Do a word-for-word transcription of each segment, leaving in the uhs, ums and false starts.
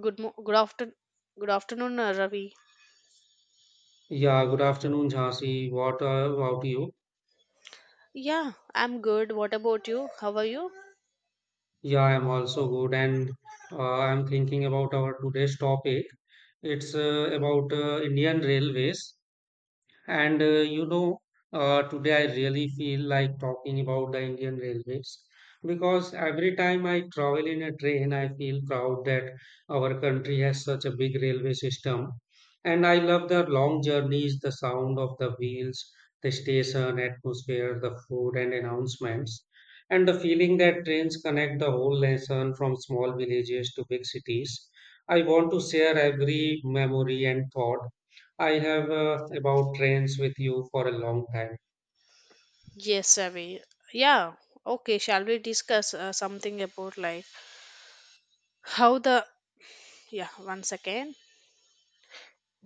Good mo- good afternoon. Good afternoon, uh, Ravi. Yeah, good afternoon, Jhansi. What uh, about you? Yeah, I'm good. What about you? How are you? Yeah, I'm also good, and uh, I'm thinking about our today's topic. It's uh, about uh, Indian Railways. And uh, you know, uh, today I really feel like talking about the Indian Railways because every time I travel in a train, I feel proud that our country has such a big railway system. And I love the long journeys, the sound of the wheels, the station atmosphere, the food and announcements, and the feeling that trains connect the whole nation from small villages to big cities. I want to share every memory and thought I have uh, about trains with you for a long time. Yes, Ravi. Yeah. Okay. Shall we discuss uh, something about like how the yeah? One second.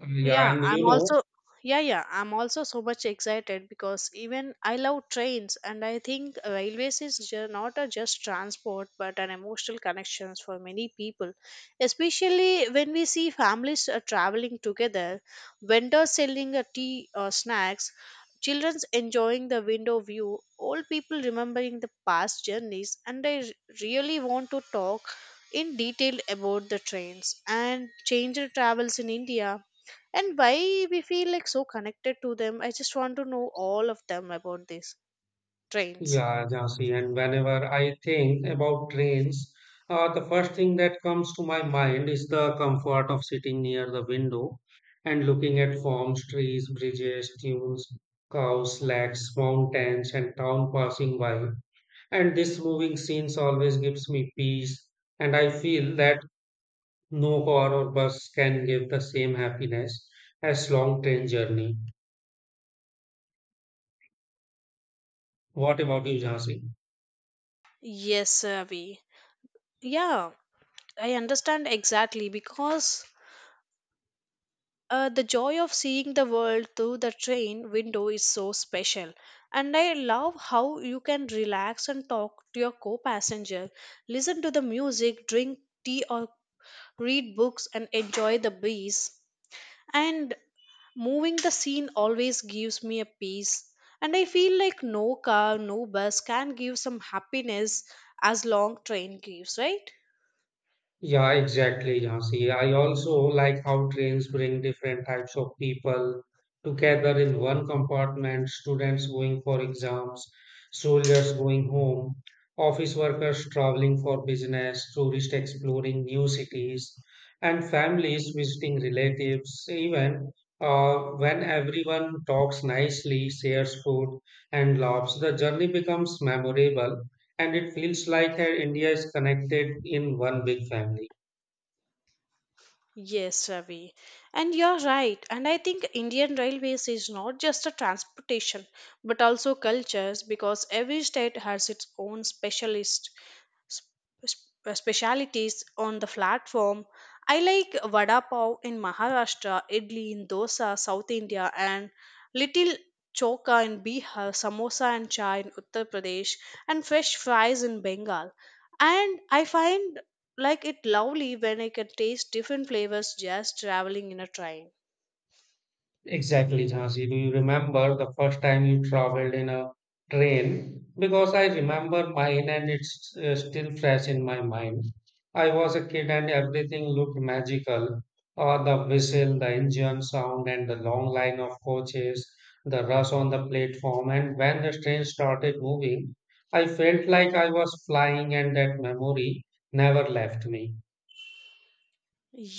Yeah, Yeah, and I'm you know, also yeah, yeah, I'm also so much excited because even I love trains and I think railways is ju- not a just transport but an emotional connections for many people, especially when we see families uh, traveling together, vendors selling a tea or snacks, children enjoying the window view, old people remembering the past journeys, and I r- really want to talk in detail about the trains and changed travels in India and why we feel like so connected to them. I just want to know all of them about these trains. yeah, Jhansi, and whenever I think about trains, uh, the first thing that comes to my mind is the comfort of sitting near the window and looking at farms, trees, bridges, dunes, cows, lakes, mountains, and town passing by. And this moving scenes always gives me peace, and I feel that no car or bus can give the same happiness as long train journey. What about you, Jhansi? Yes, Avi. Yeah, I understand exactly because uh, the joy of seeing the world through the train window is so special. And I love how you can relax and talk to your co passenger, listen to the music, drink tea, or read books, and enjoy the breeze, and moving the scene always gives me a peace, and I feel like no car, no bus can give some happiness as long train gives, right? Yeah, exactly, Jhansi. I also like how trains bring different types of people together in one compartment: students going for exams, soldiers going home, office workers traveling for business, tourists exploring new cities, and families visiting relatives. Even uh, when everyone talks nicely, shares food, and laughs, the journey becomes memorable. And it feels like uh, India is connected in one big family. Yes, Ravi. And you're right. And I think Indian Railways is not just a transportation, but also cultures because every state has its own specialist sp- sp- uh, specialities on the platform. I like vada pav in Maharashtra, idli in Dosa, South India, and little choka in Bihar, samosa and chai in Uttar Pradesh, and fresh fries in Bengal. And I find like it lovely when I can taste different flavors just traveling in a train. Exactly, Jhansi. Do you remember the first time you traveled in a train? Because I remember mine and it's uh, still fresh in my mind. I was a kid and everything looked magical. Uh, the whistle, the engine sound, and the long line of coaches, the rush on the platform. And when the train started moving, I felt like I was flying, and that memory never left me.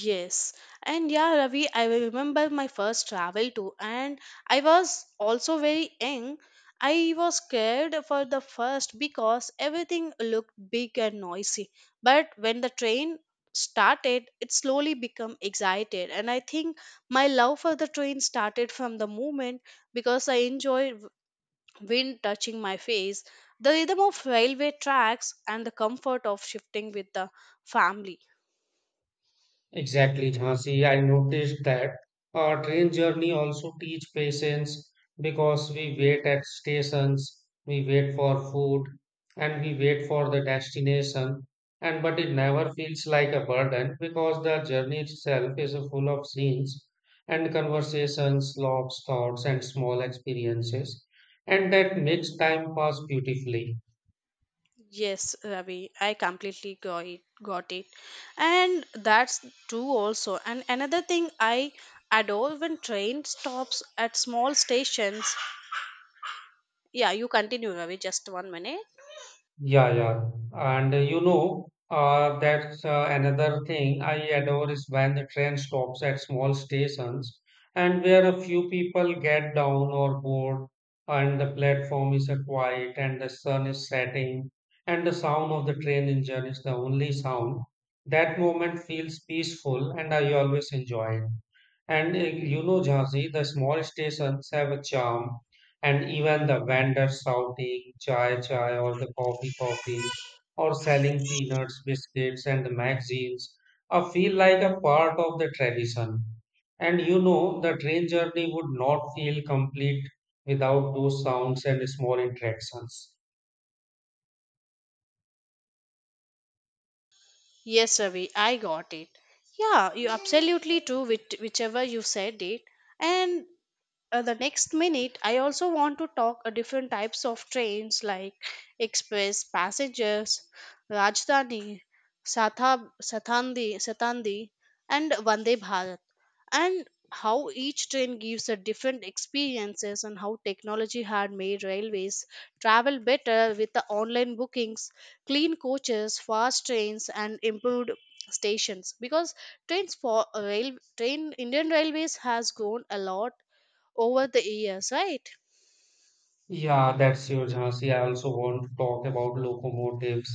Yes, and yeah, Ravi, I will remember my first travel too, and I was also very young. I was scared for the first because everything looked big and noisy. But when the train started, it slowly became excited, and I think my love for the train started from the moment because I enjoy wind touching my face, the rhythm of railway tracks, and the comfort of shifting with the family. Exactly, Jhansi. I noticed that our train journey also teach patience because we wait at stations, we wait for food, and we wait for the destination. And but it never feels like a burden because the journey itself is full of scenes and conversations, loves, thoughts, and small experiences, and that makes time pass beautifully. Yes, Ravi, I completely got it. Got it. And that's true also. And another thing I adore when train stops at small stations. Yeah, you continue, Ravi, just one minute. Yeah, yeah. And uh, you know, uh, that's uh, another thing I adore is when the train stops at small stations and where a few people get down or board and the platform is uh, quiet and the sun is setting and the sound of the train engine is the only sound. That moment feels peaceful and I always enjoy it. And uh, you know, Jhansi, the small stations have a charm and even the vendors shouting chai chai or the coffee coffee or selling peanuts, biscuits, and the magazines uh, feel like a part of the tradition. And you know, the train journey would not feel complete without those sounds and small interactions. Yes, Ravi, I got it. Yeah, you absolutely true, which, whichever you said it. And uh, the next minute I also want to talk uh, different types of trains like express passengers, Rajdhani, Satab, satandi satandi and Vande Bharat, and how each train gives a different experiences and how technology had made railways travel better with the online bookings, clean coaches, fast trains, and improved stations because trains for rail train Indian Railways has grown a lot over the years, right? Yeah, that's your Jhansi. I also want to talk about locomotives,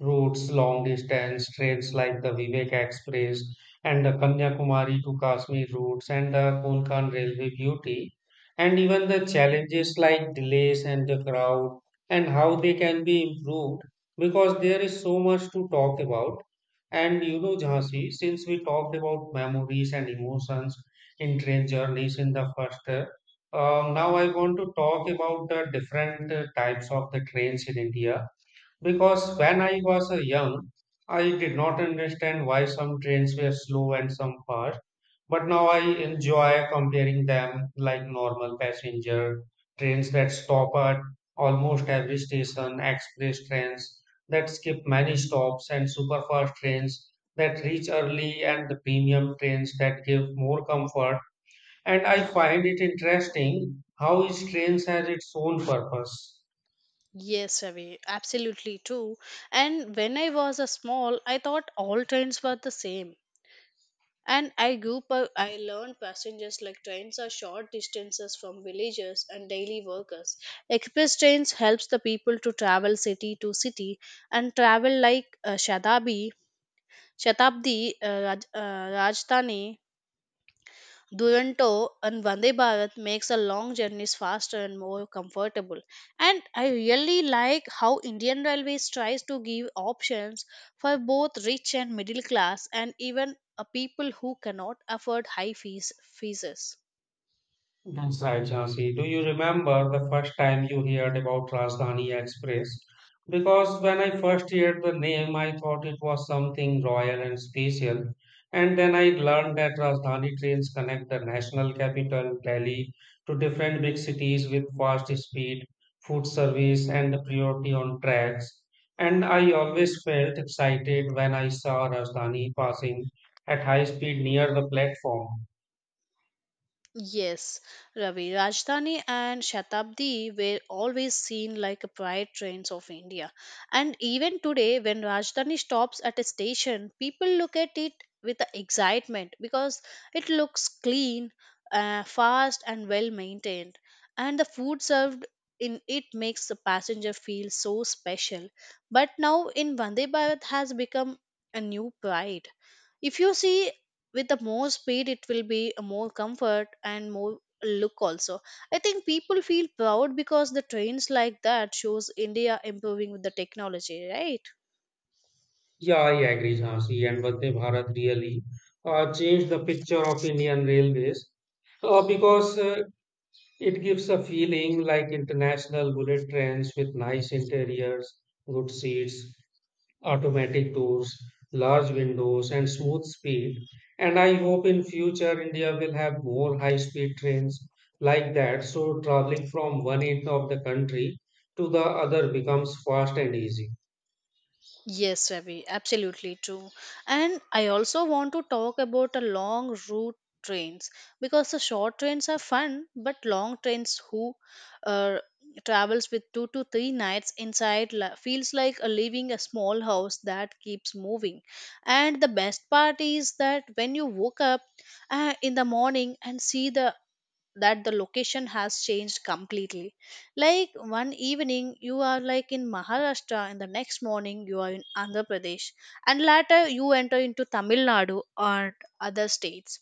routes, long distance trains like the Vivek Express and the Kanyakumari to Kashmir routes and the Konkan Railway beauty, and even the challenges like delays and the crowd and how they can be improved because there is so much to talk about. And you know, Jhansi, since we talked about memories and emotions in train journeys in the first um, now I want to talk about the different uh, types of the trains in India because when I was uh, young, I did not understand why some trains were slow and some fast. But now I enjoy comparing them, like normal passenger trains that stop at almost every station, express trains that skip many stops, and super fast trains that reach early, and the premium trains that give more comfort, and I find it interesting how each train has its own purpose. Yes, Ravi, absolutely true. And when I was a small, I thought all trains were the same. And I grew up, I learned passengers like trains are short distances from villages and daily workers. Express trains helps the people to travel city to city, and travel like uh, Shadabi, Shatabdi, uh, Raj, uh, Rajdhani, Duranto, and Vande Bharat makes a long journeys faster and more comfortable. And I really like how Indian Railways tries to give options for both rich and middle class, and even uh, people who cannot afford high fees fees. That's right, Jhansi. Do you remember the first time you heard about Rajdhani Express? Because when I first heard the name, I thought it was something royal and special. And then I learned that Rajdhani trains connect the national capital, Delhi, to different big cities with fast speed, food service, and priority on tracks. And I always felt excited when I saw Rajdhani passing at high speed near the platform. Yes, Ravi, Rajdhani and Shatabdi were always seen like pride trains of India. And even today, when Rajdhani stops at a station, people look at it with excitement because it looks clean, uh, fast, and well maintained. And the food served in it makes the passenger feel so special. But now in Vande Bharat has become a new pride. If you see, with the more speed it will be a more comfort and more look also. I think people feel proud because the trains like that shows India improving with the technology, right? Yeah, I agree, Jhansi, and Vande Bharat really uh, changed the picture of Indian railways uh, because uh, it gives a feeling like international bullet trains with nice interiors, good seats, automatic doors, large windows, and smooth speed. And I hope in future India will have more high-speed trains like that, so traveling from one end of the country to the other becomes fast and easy. Yes, Ravi, absolutely true. And I also want to talk about the long route trains because the short trains are fun, but long trains who uh, travels with two to three nights inside la- feels like a leaving a small house that keeps moving. And the best part is that when you woke up uh, in the morning and see the that the location has changed completely. Like one evening you are like in Maharashtra and the next morning you are in Andhra Pradesh, and later you enter into Tamil Nadu or other states.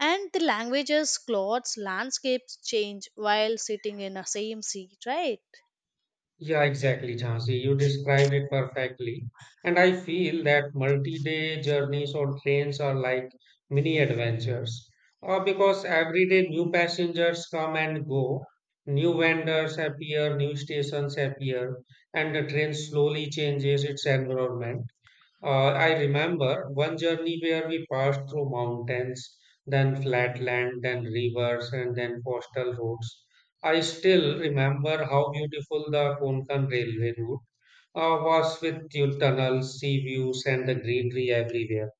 And the languages, clothes, landscapes change while sitting in a same seat, right? Yeah, exactly, Jhansi. You described it perfectly. And I feel that multi-day journeys on trains are like mini adventures. Uh, because every day new passengers come and go, new vendors appear, new stations appear, and the train slowly changes its environment. Uh, I remember one journey where we passed through mountains, then flat land, then rivers, and then coastal roads. I still remember how beautiful the Konkan railway route uh, was with your tunnels, sea views, and the greenery everywhere.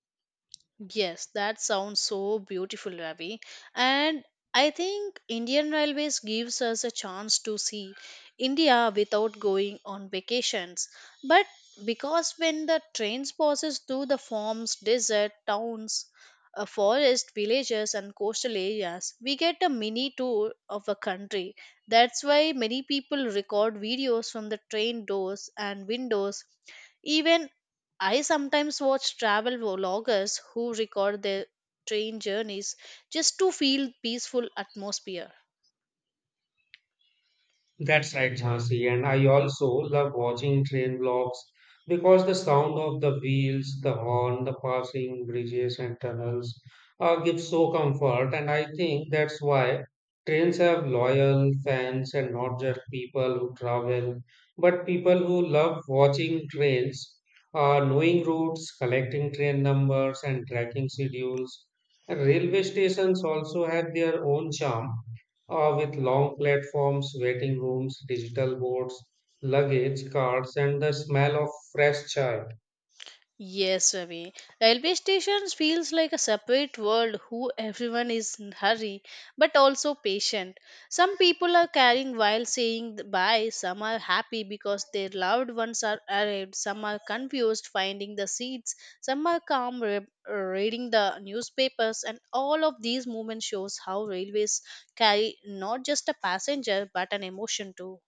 Yes, that sounds so beautiful, Ravi. And I think Indian Railways gives us a chance to see India without going on vacations. But because when the trains passes through the farms, desert, towns, uh, forest, villages, and coastal areas, we get a mini tour of a country. That's why many people record videos from the train doors and windows. Even I sometimes watch travel vloggers who record their train journeys just to feel peaceful atmosphere. That's right, Jhansi. And I also love watching train vlogs because the sound of the wheels, the horn, the passing bridges and tunnels uh, gives so comfort. And I think that's why trains have loyal fans, and not just people who travel, but people who love watching trains, uh, knowing routes, collecting train numbers, and tracking schedules. And railway stations also have their own charm uh, with long platforms, waiting rooms, digital boards, luggage carts, and the smell of fresh chai. Yes, Ravi. Railway stations feels like a separate world who everyone is in hurry, but also patient. Some people are carrying while saying th- bye, some are happy because their loved ones are arrived, some are confused finding the seats, some are calm re- reading the newspapers, and all of these movements shows how railways carry not just a passenger but an emotion too.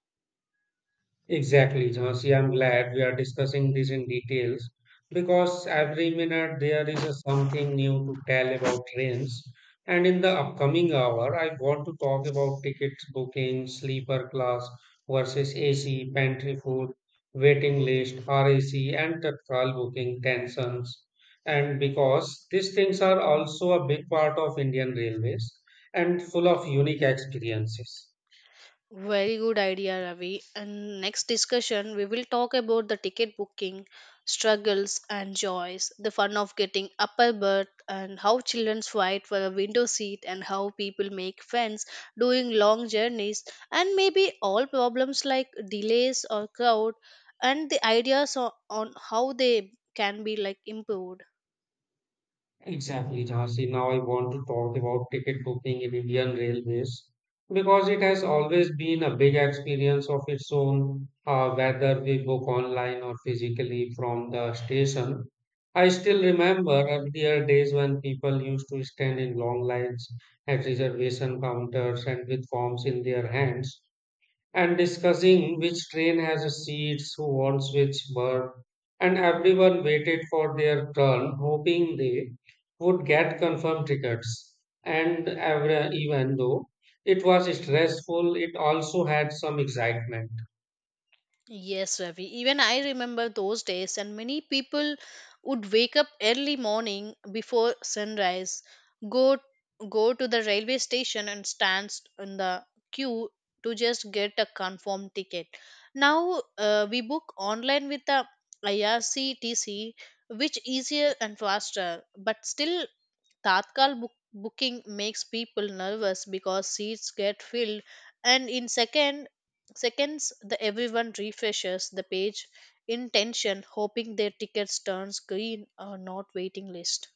Exactly, Jhansi. I'm glad we are discussing this in details because every minute there is a something new to tell about trains. And in the upcoming hour, I want to talk about tickets booking, sleeper class versus A C, pantry food, waiting list, R A C, and tactile booking tensions. And because these things are also a big part of Indian Railways and full of unique experiences. Very good idea, Ravi. And next discussion, we will talk about the ticket booking, struggles and joys, the fun of getting upper berth, and how children fight for a window seat, and how people make friends doing long journeys, and maybe all problems like delays or crowd, and the ideas on, on how they can be like improved. Exactly, Jhansi. Now I want to talk about ticket booking in Indian Railways because it has always been a big experience of its own, uh, whether we book online or physically from the station. I still remember earlier days when people used to stand in long lines at reservation counters and with forms in their hands and discussing which train has seats, who wants which berth, and everyone waited for their turn, hoping they would get confirmed tickets. And every, even though it was stressful, it also had some excitement. Yes, Ravi. Even I remember those days, and many people would wake up early morning before sunrise, go go to the railway station and stand in the queue to just get a confirmed ticket. Now uh, we book online with the I R C T C, which easier and faster, but still Tatkal book- booking makes people nervous because seats get filled, and in second seconds the everyone refreshes the page in tension hoping their tickets turns green or not waiting list.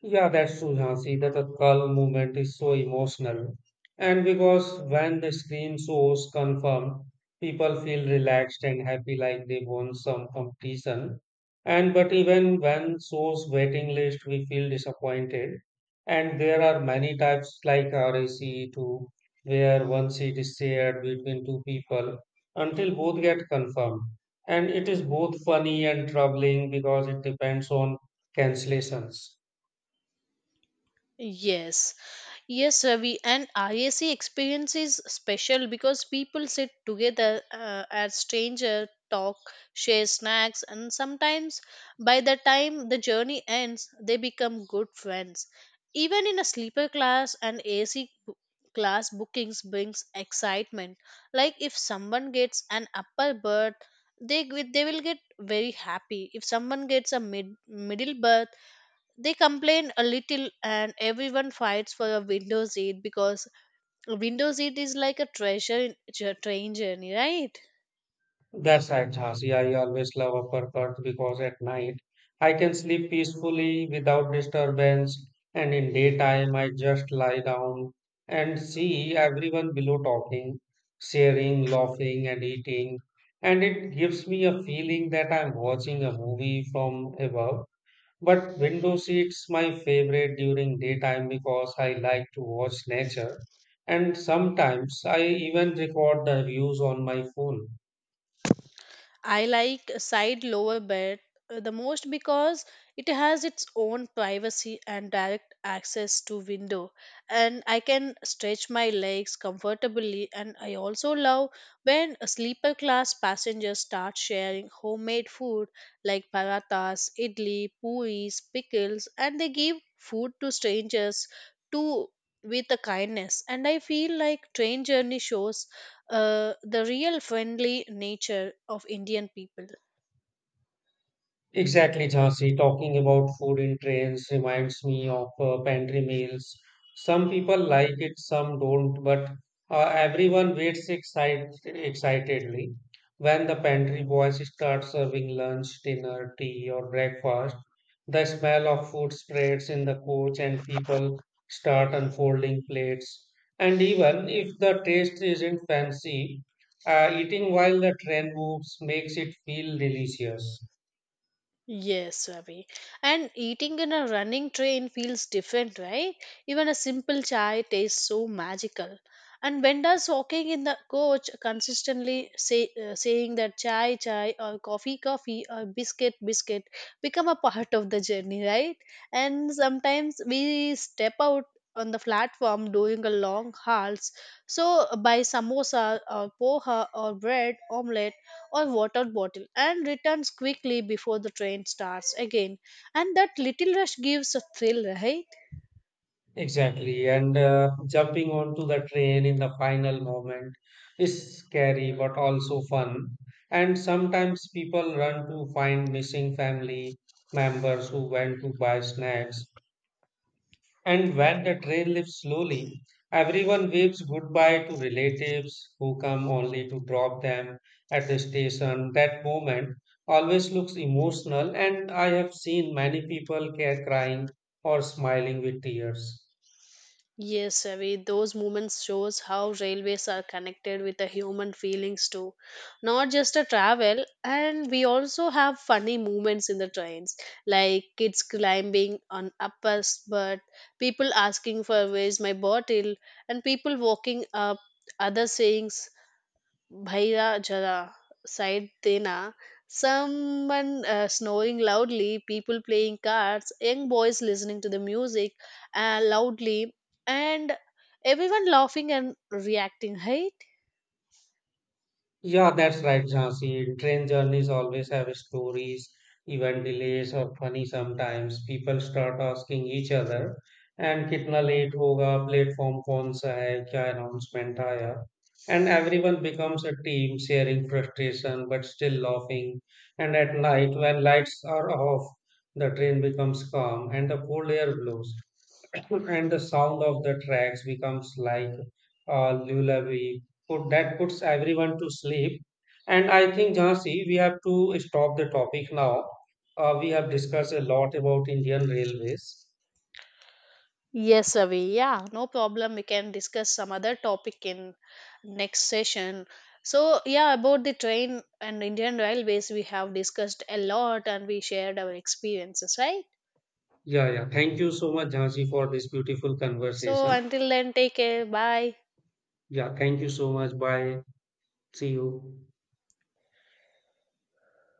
Yeah, that's true, Jhansi, that Tatkal movement is so emotional. And because when the screen shows confirm, people feel relaxed and happy like they won some competition. And but even when shows waiting list, we feel disappointed. And there are many types like R A C two, where one seat is shared between two people until both get confirmed. And it is both funny and troubling because it depends on cancellations. Yes, Yes, Ravi, and I A C experience is special because people sit together uh, as stranger, talk, share snacks, and sometimes by the time the journey ends, they become good friends. Even in a sleeper class, an A C bo- class bookings brings excitement. Like if someone gets an upper berth, they g- they will get very happy. If someone gets a mid middle berth, they complain a little, and everyone fights for a window seat because a window seat is like a treasure in- tr- train journey, right? That's right, Jhansi. I always love upper Perth because at night I can sleep peacefully without disturbance, and in daytime I just lie down and see everyone below talking, sharing, laughing, and eating. And it gives me a feeling that I'm watching a movie from above. But window seats my favorite during daytime because I like to watch nature, and sometimes I even record the views on my phone. I like a side lower bed uh, the most because it has its own privacy and direct access to window, and I can stretch my legs comfortably, and I also love when a sleeper class passengers start sharing homemade food like parathas, idli, puris, pickles, and they give food to strangers too with a kindness, and I feel like train journey shows uh, the real friendly nature of Indian people. Exactly, Jhansi. Talking about food in trains reminds me of uh, pantry meals. Some people like it, some don't, but uh, everyone waits excite excitedly. When the pantry boys start serving lunch, dinner, tea, or breakfast, the smell of food spreads in the coach and people start unfolding plates. And even if the taste isn't fancy, uh, eating while the train moves makes it feel delicious. Yes, Ravi. And eating in a running train feels different, right? Even a simple chai tastes so magical. And vendors walking in the coach consistently say, uh, saying that chai, chai, or coffee, coffee, or biscuit, biscuit become a part of the journey, right? And sometimes we step out on the platform during a long hauls. So, by samosa or poha or bread omelette or water bottle and returns quickly before the train starts again. And that little rush gives a thrill, right? Exactly. And uh, jumping onto the train in the final moment is scary but also fun. And sometimes people run to find missing family members who went to buy snacks. And when the train leaves slowly, everyone waves goodbye to relatives who come only to drop them at the station. That moment always looks emotional, and I have seen many people ca- crying or smiling with tears. Yes, Ravi, those moments shows how railways are connected with the human feelings too. Not just a travel, and we also have funny moments in the trains, like kids climbing on uppers, but people asking for where's my bottle, and people walking up, other sayings Bhaira Jara sighed Tena. Someone uh, snoring loudly, people playing cards, young boys listening to the music uh, loudly, and everyone laughing and reacting, right? Yeah, that's right, Jhansi. Train journeys always have stories, even delays or funny sometimes. People start asking each other, and कितना late होगा, platform कौन सा है, क्या announcement आया. And everyone becomes a team, sharing frustration but still laughing. And at night, when lights are off, the train becomes calm and the cold air blows. And the sound of the tracks becomes like a lullaby put, that puts everyone to sleep. And I think, Jhansi, we have to stop the topic now. Uh, we have discussed a lot about Indian railways. Yes, Avi. Yeah, no problem. We can discuss some other topic in next session. So, yeah, about the train and Indian Railways, we have discussed a lot and we shared our experiences, right? Yeah, yeah. Thank you so much, Jhansi, for this beautiful So, conversation. until then, take care. Bye. Yeah, thank you so much. Bye. See you.